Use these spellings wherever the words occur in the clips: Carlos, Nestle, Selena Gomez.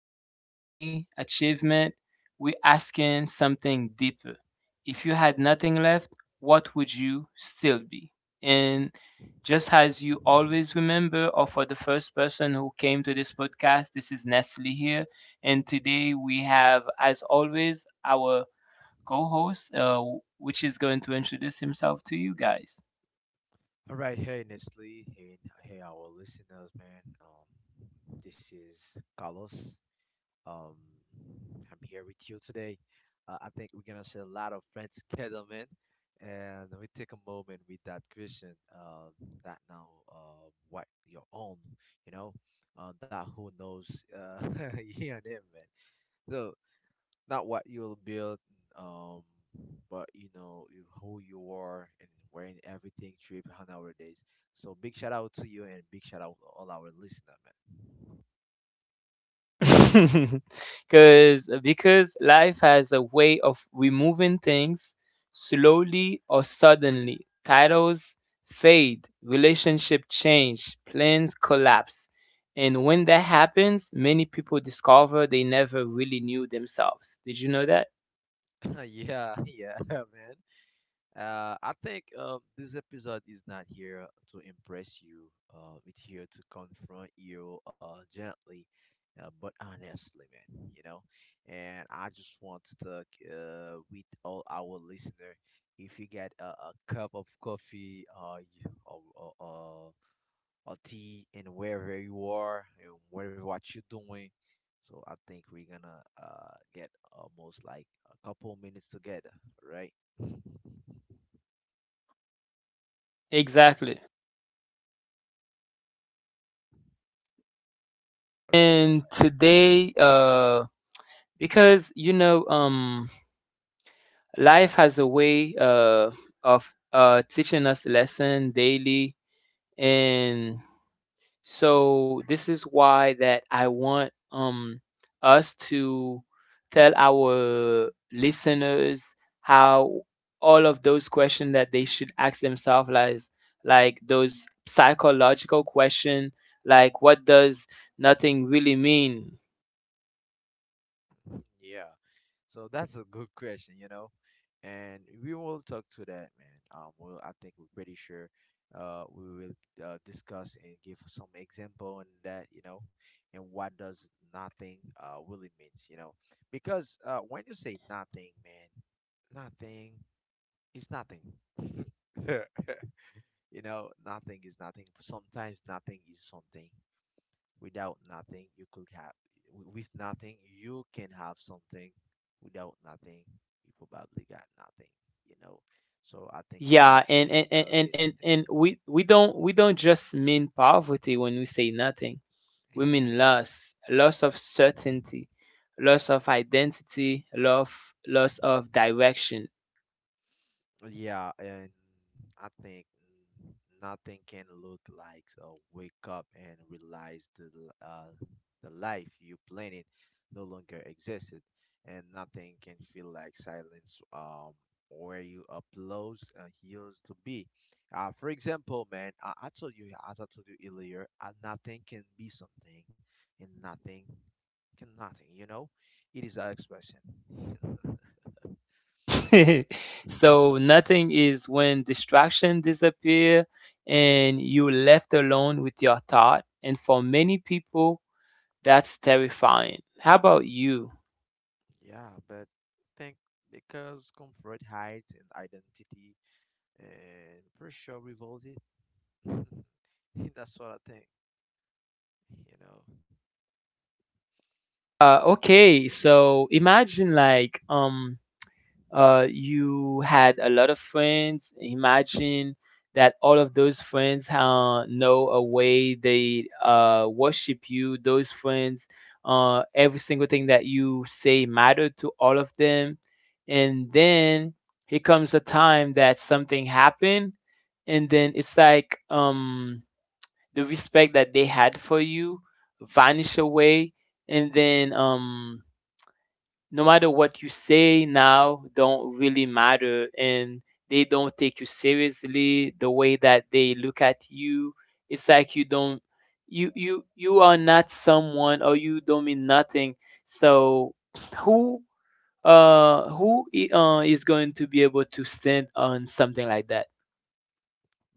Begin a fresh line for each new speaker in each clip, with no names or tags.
success, money, achievement. We're asking something deeper. If you had nothing left, what would you still be? And just as you always remember, or for the first person who came to this podcast, this is Nestle here. And today we have, as always, our co host, which is going to introduce himself to you guys.
All right, hey Nestle, hey, hey our listeners, man. This is Carlos. Um, I'm here with you today. I think we're gonna share a lot of friends together, man. And we take a moment with that question that now what your own, you know, that who knows you and him, man. So, not what you'll build, um, but you know who you are and wearing everything trip nowadays. So big shout out to you and big shout out to all our listener,
Cause because life has a way of removing things slowly or suddenly. Titles fade, relationship change, plans collapse. And when that happens, many people discover they never really knew themselves. Did you know that?
man. Yeah, yeah, man. I think this episode is not here to impress you. It's here to confront you gently, but honestly, man. You know, and I just want to talk with all our listener. If you get a cup of coffee you, or tea, and wherever you are, and whatever what you're doing, so I think we're gonna get almost like a couple minutes together, right?
Exactly.
All right.
And today, because life has a way of teaching us lesson daily, and so this is why that I want us to tell our listeners how all of those questions that they should ask themselves, like those psychological question, like what does nothing really mean?
Yeah. So that's a good question, you know, and we will talk to that, man. Well, I think we're pretty sure, we will discuss and give some example on that, you know, and what does nothing really means, you know, because when you say nothing, man, nothing is nothing. You know, nothing is nothing. Sometimes nothing is something. Without nothing, you could have. With nothing, you can have something. Without nothing, you probably got nothing. You know. So I think we're gonna
Yeah, and
discuss
and, and,
about
and,
it.
and and we don't, we don't just mean poverty when we say nothing. Women loss, loss of certainty, loss of identity, loss, loss of direction.
Yeah, and I think mm, nothing can look like a wake up and realize the life you planned no longer existed, and nothing can feel like silence where you upload used to be. For example, man, I told you as I told you earlier, nothing can be something, and nothing can nothing. You know, it is our expression.
So nothing is when distraction disappear and you left alone with your thought. And for many people, that's terrifying. How about you?
Yeah, but I think because comfort hides and identity and pressure reveals it. That's what I think, you know.
Okay, so imagine like you had a lot of friends. Imagine that all of those friends know a way they worship you. Those friends, every single thing that you say mattered to all of them. And then here comes a time that something happened, and then it's like the respect that they had for you vanish away, and then no matter what you say now don't really matter, and they don't take you seriously. The way that they look at you, it's like you don't, you are not someone, or you don't mean nothing. So who, is going to be able to stand on something like that?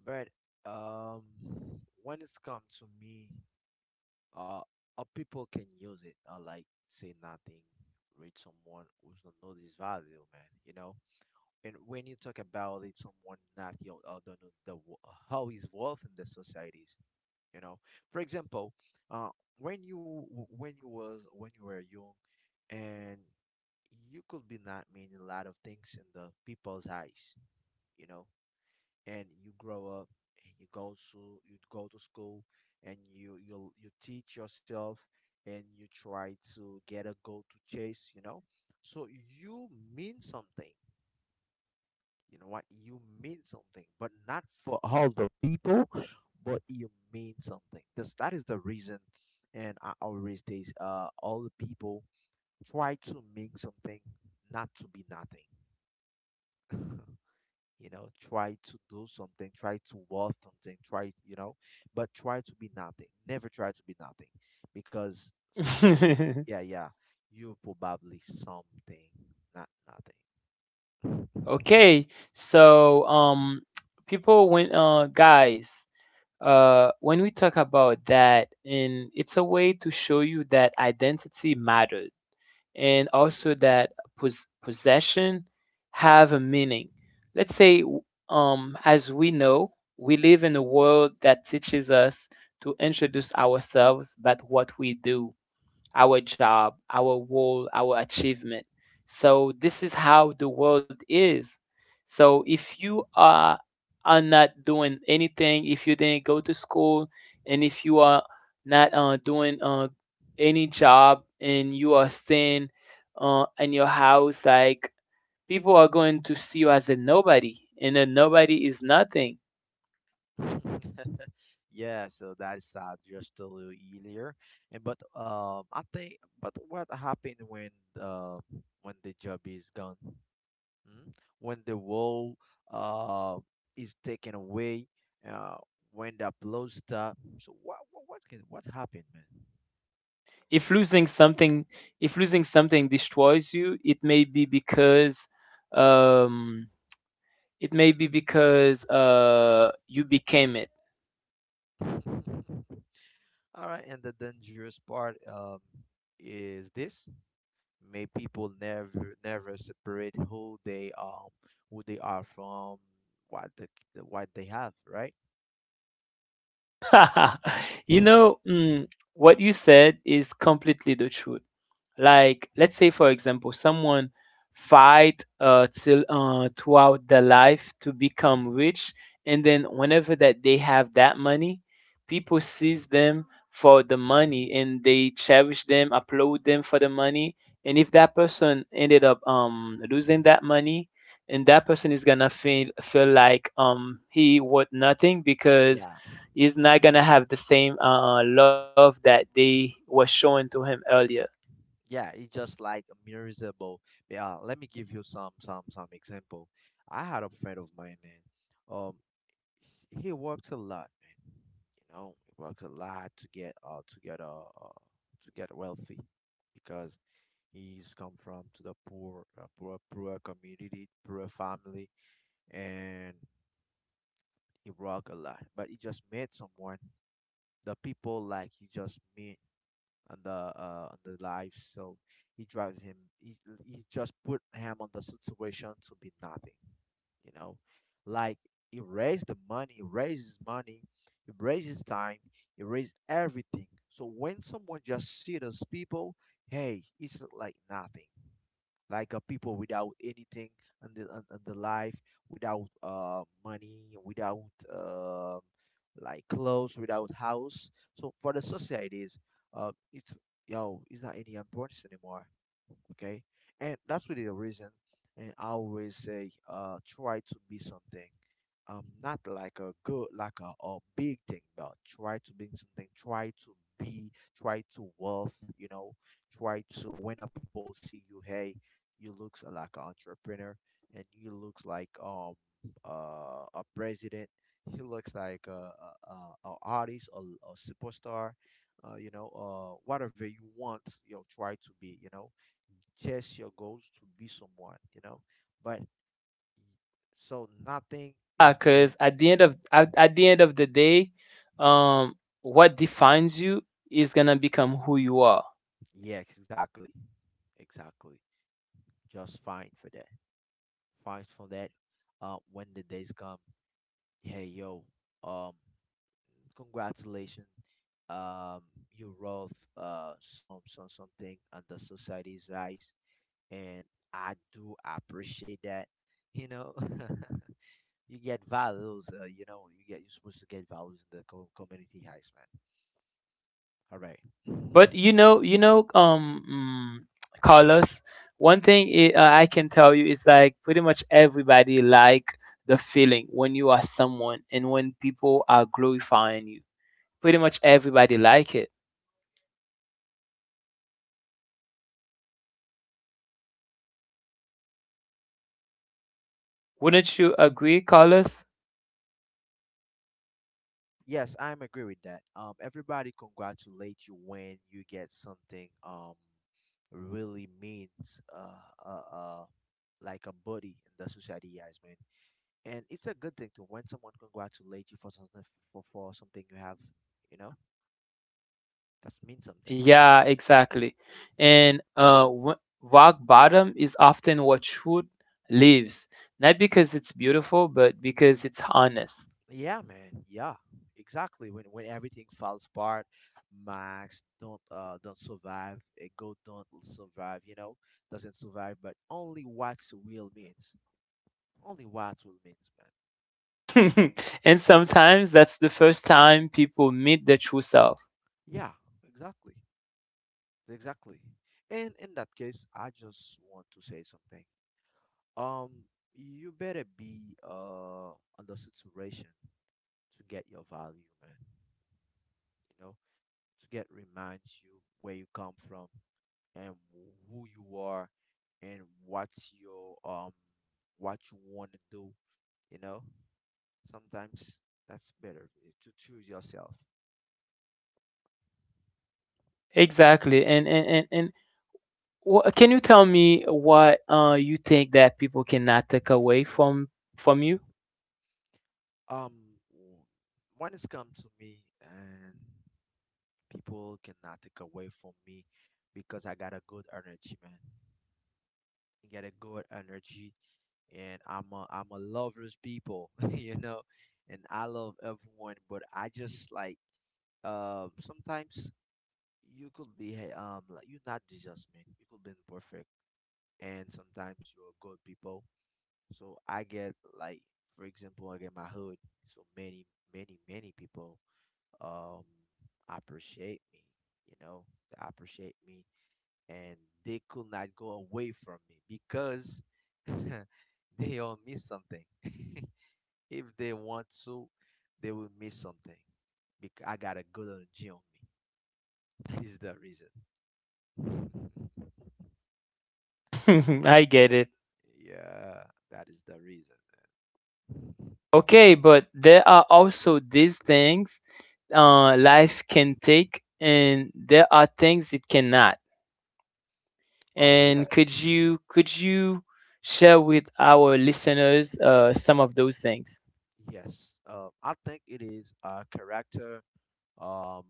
But um, when it's come to me, uh, people can use it. I like say nothing, reach someone who's not know this value, man. You know. And when you talk about it, someone not you don't know how he's worth in the society. You know, for example, uh when when you was when you were young, and you could be not meaning a lot of things in the people's eyes, you know. And you grow up and you go to, you go to school, and you teach yourself and you try to get a goal to chase, you know. So you mean something, you know what? You mean something, but not for all the people, but you mean something. This, that is the reason. And I always say, all the people try to mean something, not to be nothing. You know, try to do something, try to worth something, try, you know, but try to be nothing. Never try to be nothing because something, yeah, yeah, you probably something, not nothing.
Okay, so people, when guys, when we talk about that, and it's a way to show you that identity matters and also that possession have a meaning. Let's say, as we know, we live in a world that teaches us to introduce ourselves but what we do, our job, our goal, our achievement. So this is how the world is. So if you are not doing anything, if you didn't go to school, and if you are not doing any job and you are staying in your house, like, people are going to see you as a nobody, and a nobody is nothing.
Yeah, so that sounds just a little easier. And but I think but what happened uh when the job is gone? Mm. When the wall uh, is taken away, uh, when the applause stop. So what, can, what happened, man?
If losing something, if losing something destroys you, it may be because um, It may be because you became it.
All right, and the dangerous part is this: may people never separate who they are from what the, what they have, right?
You
Mhm.
know, mm, what you said is completely the truth. Like, let's say, for example, someone fight till throughout their life to become rich, and then whenever that they have that money, people sees them for the money and they cherish them, applaud them for the money. And if that person ended up losing that money, and that person is gonna feel like he worth nothing, because
Yeah,
he's not gonna have the same love that they were showing to him earlier.
yeah, it's just like miserable. Yeah, let me give you some example. I had a friend of mine, man. Um, he worked a lot, man. You know, he worked a lot to get to get wealthy because he's come from to the poor poor community, poor family, and he worked a lot. But he just met someone. The people like he just met on the life. So he drives him. He just put him on the situation to be nothing. You know, like he raised the money, he raised his money, he raised his time, he raised everything. So when someone just see those people, hey, it's like nothing. Like a people without anything on on the life, without money, without um like clothes, without house. So for the societies, it's yo, it's not any ambience anymore. Okay, and that's really the reason. And I always say, try to be something, not like a good, like a big thing, but try to be something, try to be, try to wealth, you know. Try to, when a people see you, hey, you looks like an entrepreneur, and you looks like a president. He looks like a, a artist, a superstar, you know, whatever you want, you know. Try to be, you know, just your goals to be someone, you know. But so nothing is mean.
Because at the end of at the end of the day, um, what defines you is gonna become who you are.
Yes, exactly, exactly. Just fine for that. Fine for that. When the days come, hey yo, um, congratulations. Um, you wrote something under society's eyes, and I do appreciate that. You know. You get values, you know, you get, you're supposed to get values in the community heist, man. All right.
But you know, mm, Carlos, one thing I can tell you is like pretty much everybody like the feeling when you are someone and when people are glorifying you. Pretty much everybody like it. Wouldn't you agree, Carlos?
Yes, I'm agree with that. Everybody congratulate you when you get something really means uh, uh like a buddy in the society eyes, man. And it's a good thing to when someone congratulate you for something for something you have, you know, that's means something, man.
Yeah, exactly. And rock bottom is often what truth lives, not because it's beautiful, but because it's honest.
Yeah, man. Yeah, exactly. When everything falls apart, Max don't survive. A goat don't survive. You know, doesn't survive. But only what will means. Only what will means, man.
And sometimes that's the first time people meet their true self.
Yeah, exactly, exactly. And in that case, I just want to say something. Um, you better be on the situation to get your value, man. You to get reminds you where you come from and who you are and what's your what you want to do, you know. Sometimes that's better, to choose yourself.
Exactly. And can you tell me what you think that people cannot take away from you?
um w- when it's come to me, and people cannot take away from me because I got a good energy, man. I got a good energy, and I'm a lovers people you know. And I love everyone, but I just like, sometimes you could be hey, like you're not Jesus, man. You could be imperfect, and sometimes you're good people. So I get like, for example, I get my hood. So many, many people um appreciate me, you know, they appreciate me, and they could not go away from me because they all miss something. If they want to, they will miss something because I got a good energy on me. That is the reason. Yeah,
I get it.
that is the reason.
Okay, but there are also these things life can take, and there are things it cannot.
Oh yeah,
And could you share with our listeners some of those things?
yes. I think it is character, um,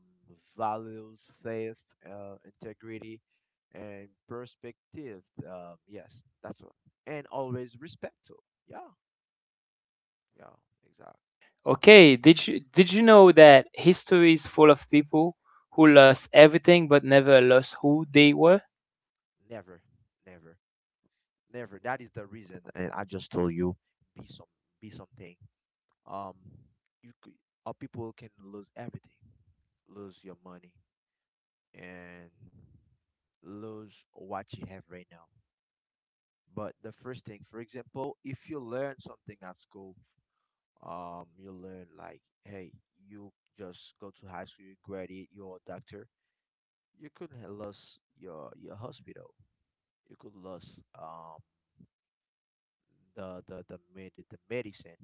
values, faith, integrity, and perspective. Yes, that's what. And always respectful. Yeah, yeah, exactly.
Okay, did you know that history is full of people who lost everything but never lost who they were?
Never, never, never. That is the reason. And I just told you, be some, be something. Um, you could, or people can lose everything, lose your money, and lose what you have right now. But the first thing, for example, if you learn something at school, you learn like, hey, you just go to high school, you graduate, you're a doctor. You could lose your hospital. You could lose the medicine.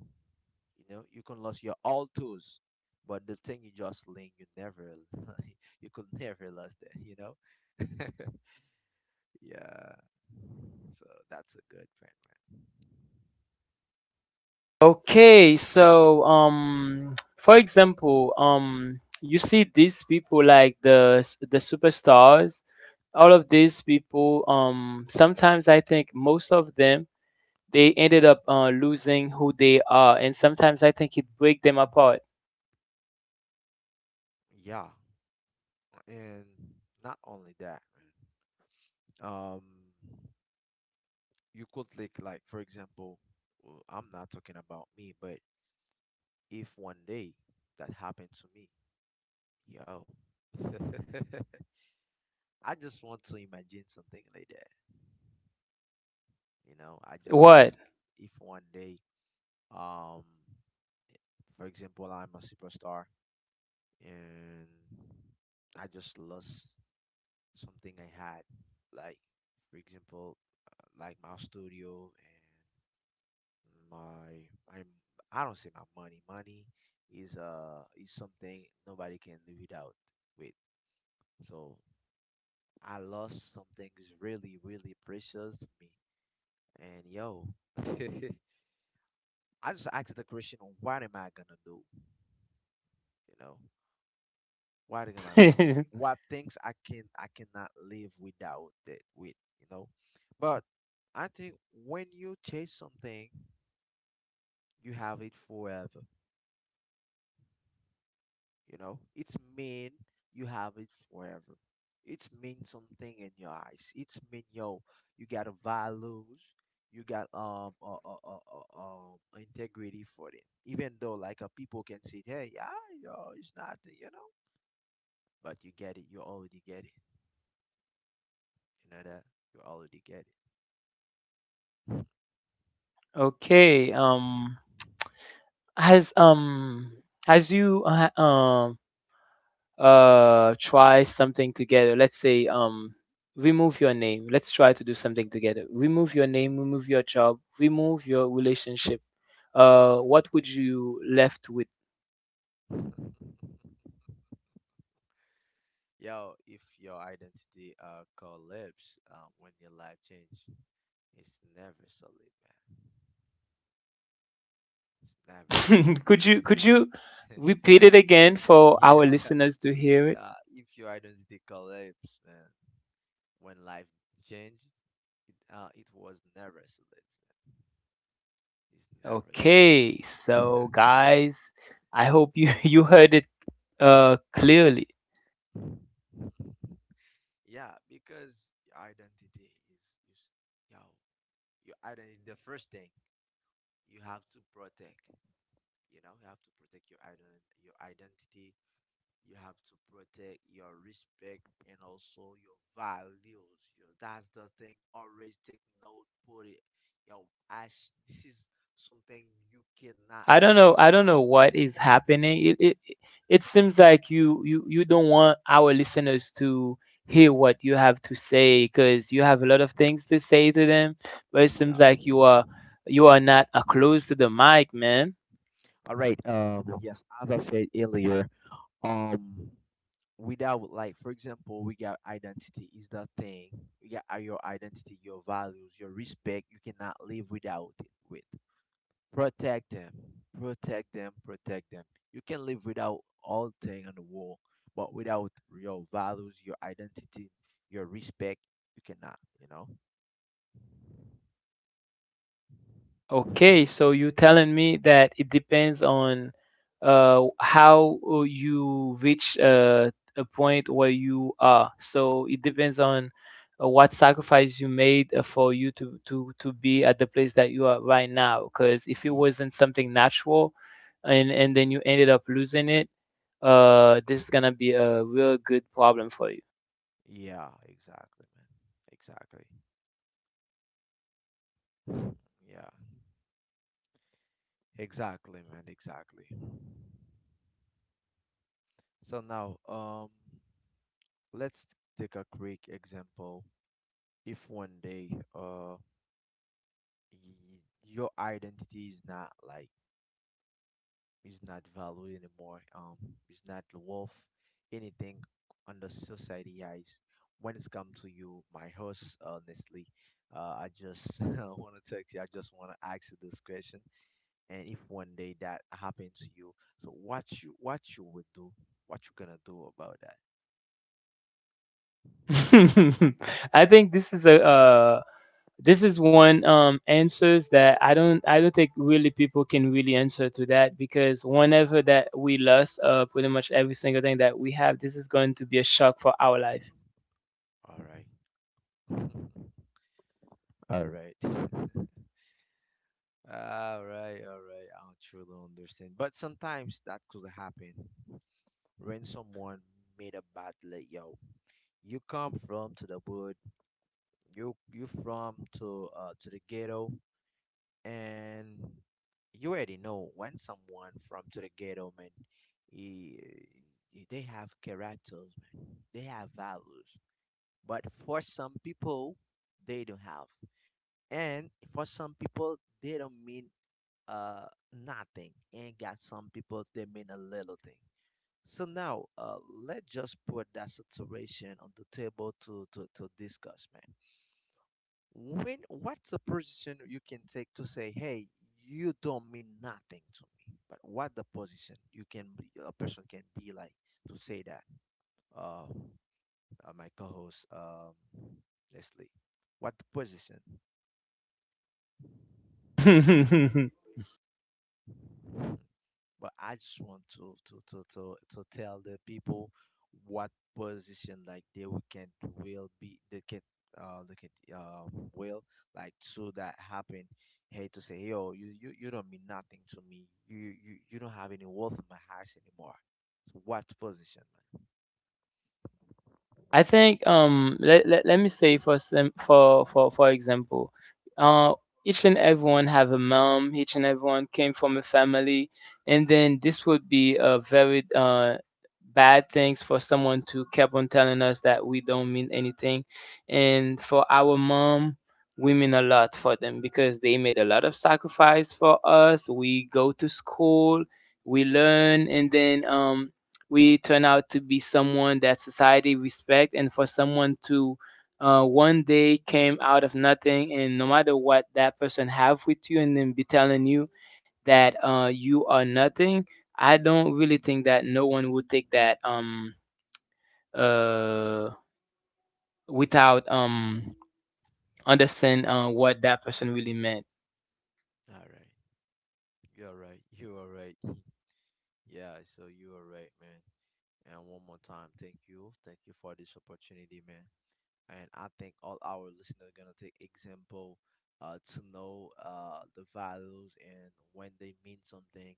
You know, you can lose your all tools. But the thing you just learn, you never you could never lose that. You know. Yeah. So that's a good friend,
Okay, so for example, you see these people like the, the superstars. All of these people, sometimes I think most of them, they ended up losing who they are, and sometimes I think it break them apart.
man. Yeah, and not only that, man. You could like for example, I'm not talking about me, but if one day that happened to me, yo, I just want to imagine something like that. You know, I just
What?
imagine if one day, um, for example, I'm a superstar, and I just lost something I had, like for example, like my studio and my I don't say my money. Money is something nobody can live without with. So I lost something is really really precious to me. And yo, I just asked the question, what am I gonna do? You know. What am I know? What things I can I cannot live without it with, you know? But I think when you chase something, you have it forever, you know? It's mean you have it forever. It's mean something in your eyes. It's mean yo, you got a values, you got integrity for it. Even though like people can say, hey, yeah, yo, it's nothing, you know? But you get it, you already get it. You know that? You already get it.
Okay. Has um. Has you try something together? Let's say, remove your name. Let's try to do something together. Remove your name. Remove your job. Remove your relationship. What would you left with?
Yo, if your identity collapse when your life change, it's never solid, man. It's never solid.
Could you repeat it again for our
yeah,
listeners to hear?
yeah. If your identity collapse, man, when life changed, it was never solid, man. It's never solid.
Okay, so guys, I hope you you heard it clearly.
Yeah, because your identity is yo, your identity the first thing. You have to protect, you know, you have to protect your your identity. You have to protect your respect and also your values, you know, that's the thing. Always take note, put it. Yo, ash, this is something you cannot
I don't
live
know I don't
without.
know what is happening. It seems like you don't want our listeners to hear what you have to say, because you have a lot of things to say to them, but it seems
Yeah,
like you are, you are not close to the mic, man.
all right, yes, as I said earlier, um without, like, for example, we got identity is the thing. You got your identity, your values, your respect, you cannot live without it with. Protect them. Protect them. Protect them. You can live without all thing on the wall, but without your values, your identity, your respect, you cannot, you know?
Okay, so you telling me that it depends on how you reach a point where you are. So it depends on what sacrifice you made for you to to be at the place that you are right now. Because if it
Ye-
wasn't something natural, and then you ended up losing it, this is gonna be a real good problem for you.
Yeah, exactly, man. Exactly. Yeah, exactly, man. Exactly. So now, let's take a quick example. If one day your identity is not like, is not valued anymore, is not worth anything under society eyes. When it's come to you, my host, honestly, I just want to text you. I just want to ask you this question. And if one day that happened to you, so what you, what you would do, what you gonna do about that?
I think this is a This is one answers that I don't think really people can really answer to that, because whenever that we lost pretty much every single thing that we have, this is going to be a shock for our life.
All right, all right, all right, all right. I truly understand. But sometimes that could happen when someone made a bad, like, yo. You come from to the wood, you from to the ghetto, and you already know, when someone from to the ghetto, man, he, they have characters, man. They have values. But for some people, they don't have. And for some people, they don't mean uh nothing, and got some people, they mean a little thing. So now, let's just put that situation on the table to to discuss, man. When what's the position you can take to say, hey, you don't mean nothing to me? But what the position you can be, a person can be like, to say that, uh, my co-host, Leslie, what the position? But I just want to to tell the people what position, like, they will can, will be, they can, they can, uh will, like, so that happen, hey, to say, yo, you, you don't mean nothing to me. You, you don't have any worth in my house anymore. So what position,
I think let, let, let me say, for some, for example, uh each and everyone have a mom, each and everyone came from a family, and then this would be a very bad things for someone to keep on telling us that we don't mean anything. And for our mom, we mean a lot for them, because they made a lot of sacrifice for us. We go to school, we learn, and then we turn out to be someone that society respect. And for someone to one day came out of nothing, and no matter what that person have with you and then be telling you that you are nothing, I don't really think that no one would take that uh without understand what that person really meant.
man? All right, you're right, you are right. Yeah, so you are right, man. And one more time, thank you. Thank you for this opportunity, man. And I think all our listeners are gonna take example, to know the values and when they mean something,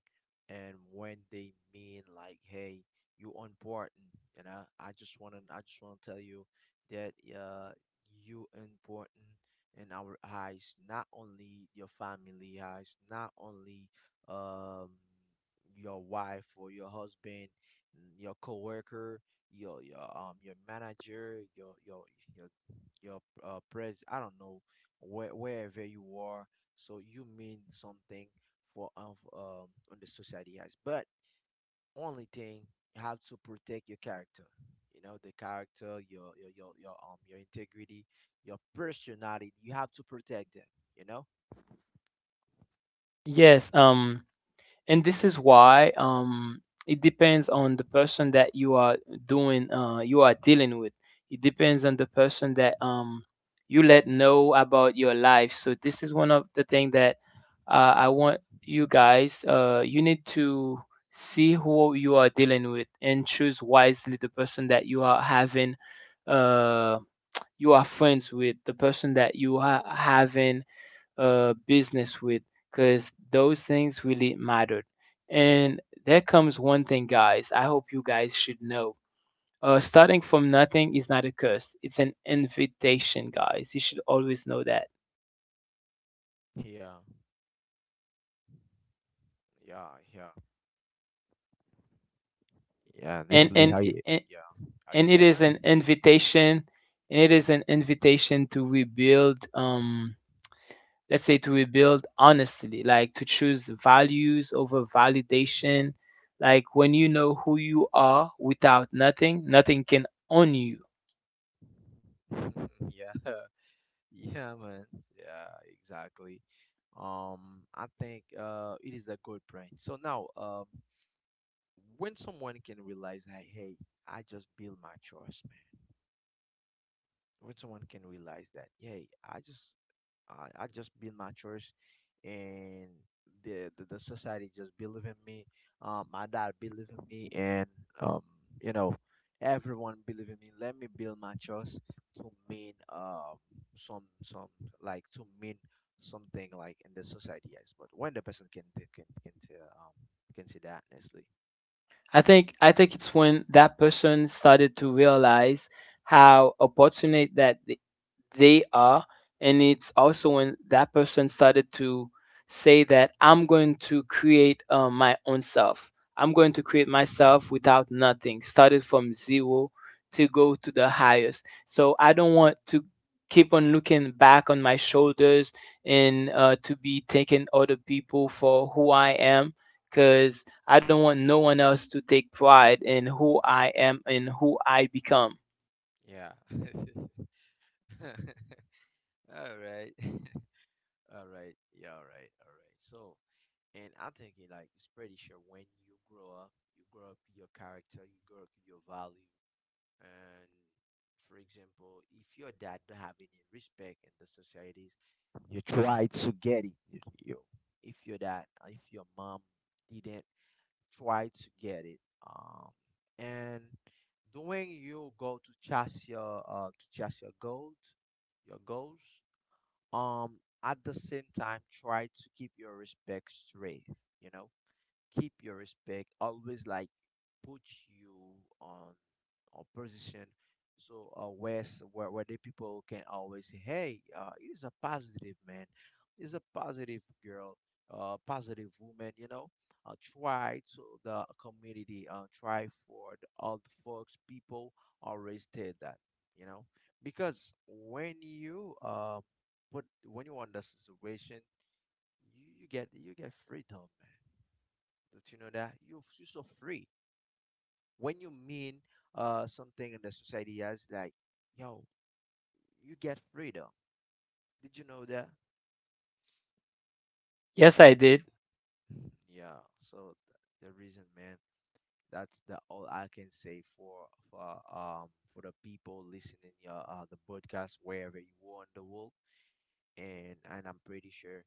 and when they mean like, hey, you important. You know, I just wanna, I just wanna tell you that you important in our eyes, not only your family eyes, not only um your wife or your husband, your coworker, your manager, your your pres, I don't know, where wherever you are. So you mean something for on the society has. But only thing, you have to protect your character. You know, the character, your integrity, your personality. You have to protect them. You know.
Yes, and this is why, it depends on the person that you are doing, you are dealing with. It depends on the person that you let know about your life. So this is one of the thing that I want you guys, you need to see who you are dealing with and choose wisely the person that you are having, uh you are friends with, the person that you are having business with, because those things really mattered. And there comes one thing, guys, I hope you guys should know. Starting from nothing is not a curse, it's an invitation, guys. You should always know that.
Yeah. Yeah. Yeah. Yeah,
And,
Nestle,
and,
how you?
and,
Yeah, are
and
you
it
there,
is
man?
an invitation, and it is an invitation to rebuild, let's say, to rebuild honestly, like to choose values over validation. Like, when you know who you are without nothing, nothing can own you.
Yeah, yeah, man. Yeah, exactly. I think it is a good brand. So now, when someone can realize that, hey, I just build my choice, man. When someone can realize that, hey, I just, I just build my choice, and the society just believe in me. My dad believe in me, and um you know, everyone believe in me. Let me build my choice to mean some, like, to mean something, like, in the society, yes. But when the person can say, can see that honestly.
I think it's when that person started to realize how opportunate that the, they are. And it's also when that person started to say that I'm going to create my own self. I'm going to create myself without nothing, started from zero to go to the highest. So I don't want to keep on looking back on my shoulders and to be taking other people for who I am, because I don't want no one else to take pride in who I am and who I become.
Yeah. All right. All right. Yeah. All right. All right. So, and I think it, like, it's pretty sure when you grow up with your character, you grow up with your value. And for example, if your dad don't have any respect in the societies, you try to get it. You- if your dad, if your mom didn't try to get it, um, and the doing, you go to chase your goals, your goals, um at the same time, try to keep your respect straight, you know, keep your respect, always, like, put you on a position, so where, where the people can always say, hey, it is a positive man, it's a positive girl, positive woman, you know. Uh, try to the community, try for the, all the folks, people always did that, you know, because when you put, when you on the situation, you get, you get freedom, man. Don't you know that? You feel so free. When you mean something in the society as, like, yo, you get freedom. Did you know that?
Yes, I did.
Yeah. So the reason, man, that's the all I can say for um for the people listening your the podcast, wherever you are in the world, and I'm pretty sure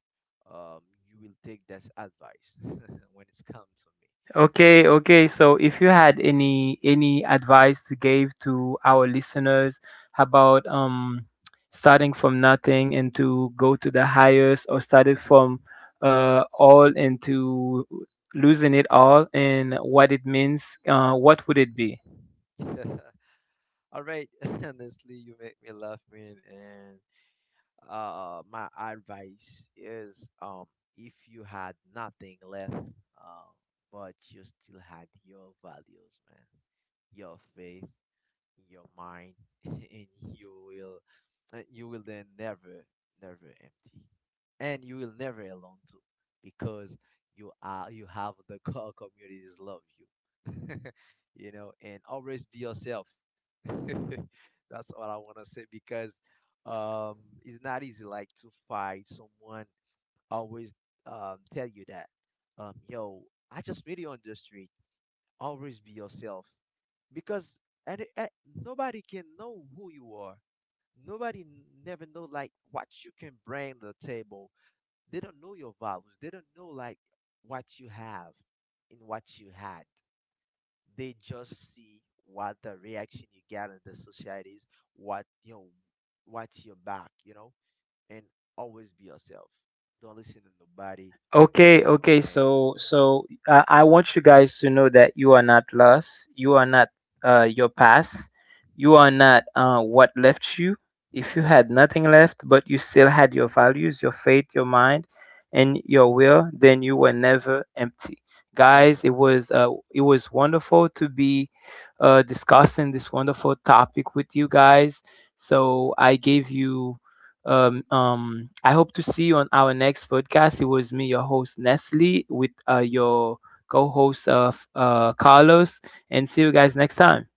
um you will take this advice when it's come to
Okay, okay. So if you had any advice to give to our listeners about starting from nothing and to go to the highest, or started from all and to losing it all and what it means, what would it be?
me. All right, honestly, you make me laugh, man, and my advice is, if you had nothing left, but you still had your values, man, your faith, in your mind, and you will, you will then never, never empty, and you will never alone too, because you are, you have the core communities love you. You know, and always be yourself. That's all I want to say because, um it's not easy, like, to find someone always tell you that, yo, I just met you on the street, always be yourself, because, and nobody can know who you are. Nobody never know, like, what you can bring to the table. They don't know your values. They don't know, like, what you have and what you had. They just see what the reaction you get in the societies, what you know, what's your back, you know, and always be yourself. Don't listen to nobody. Be
Okay, okay.
something.
So, so I want you guys to know that you are not lost. You are not your past. You are not what left you. If you had nothing left, but you still had your values, your faith, your mind, and your will, then you were never empty, guys.
Never.
It was It was wonderful to be discussing this wonderful topic with you guys. So I gave you I hope to see you on our next podcast. It was me, your host Nestle, with your co-host of Carlos, and see you guys next time.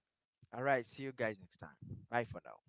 All right. See you guys next time. Bye for now.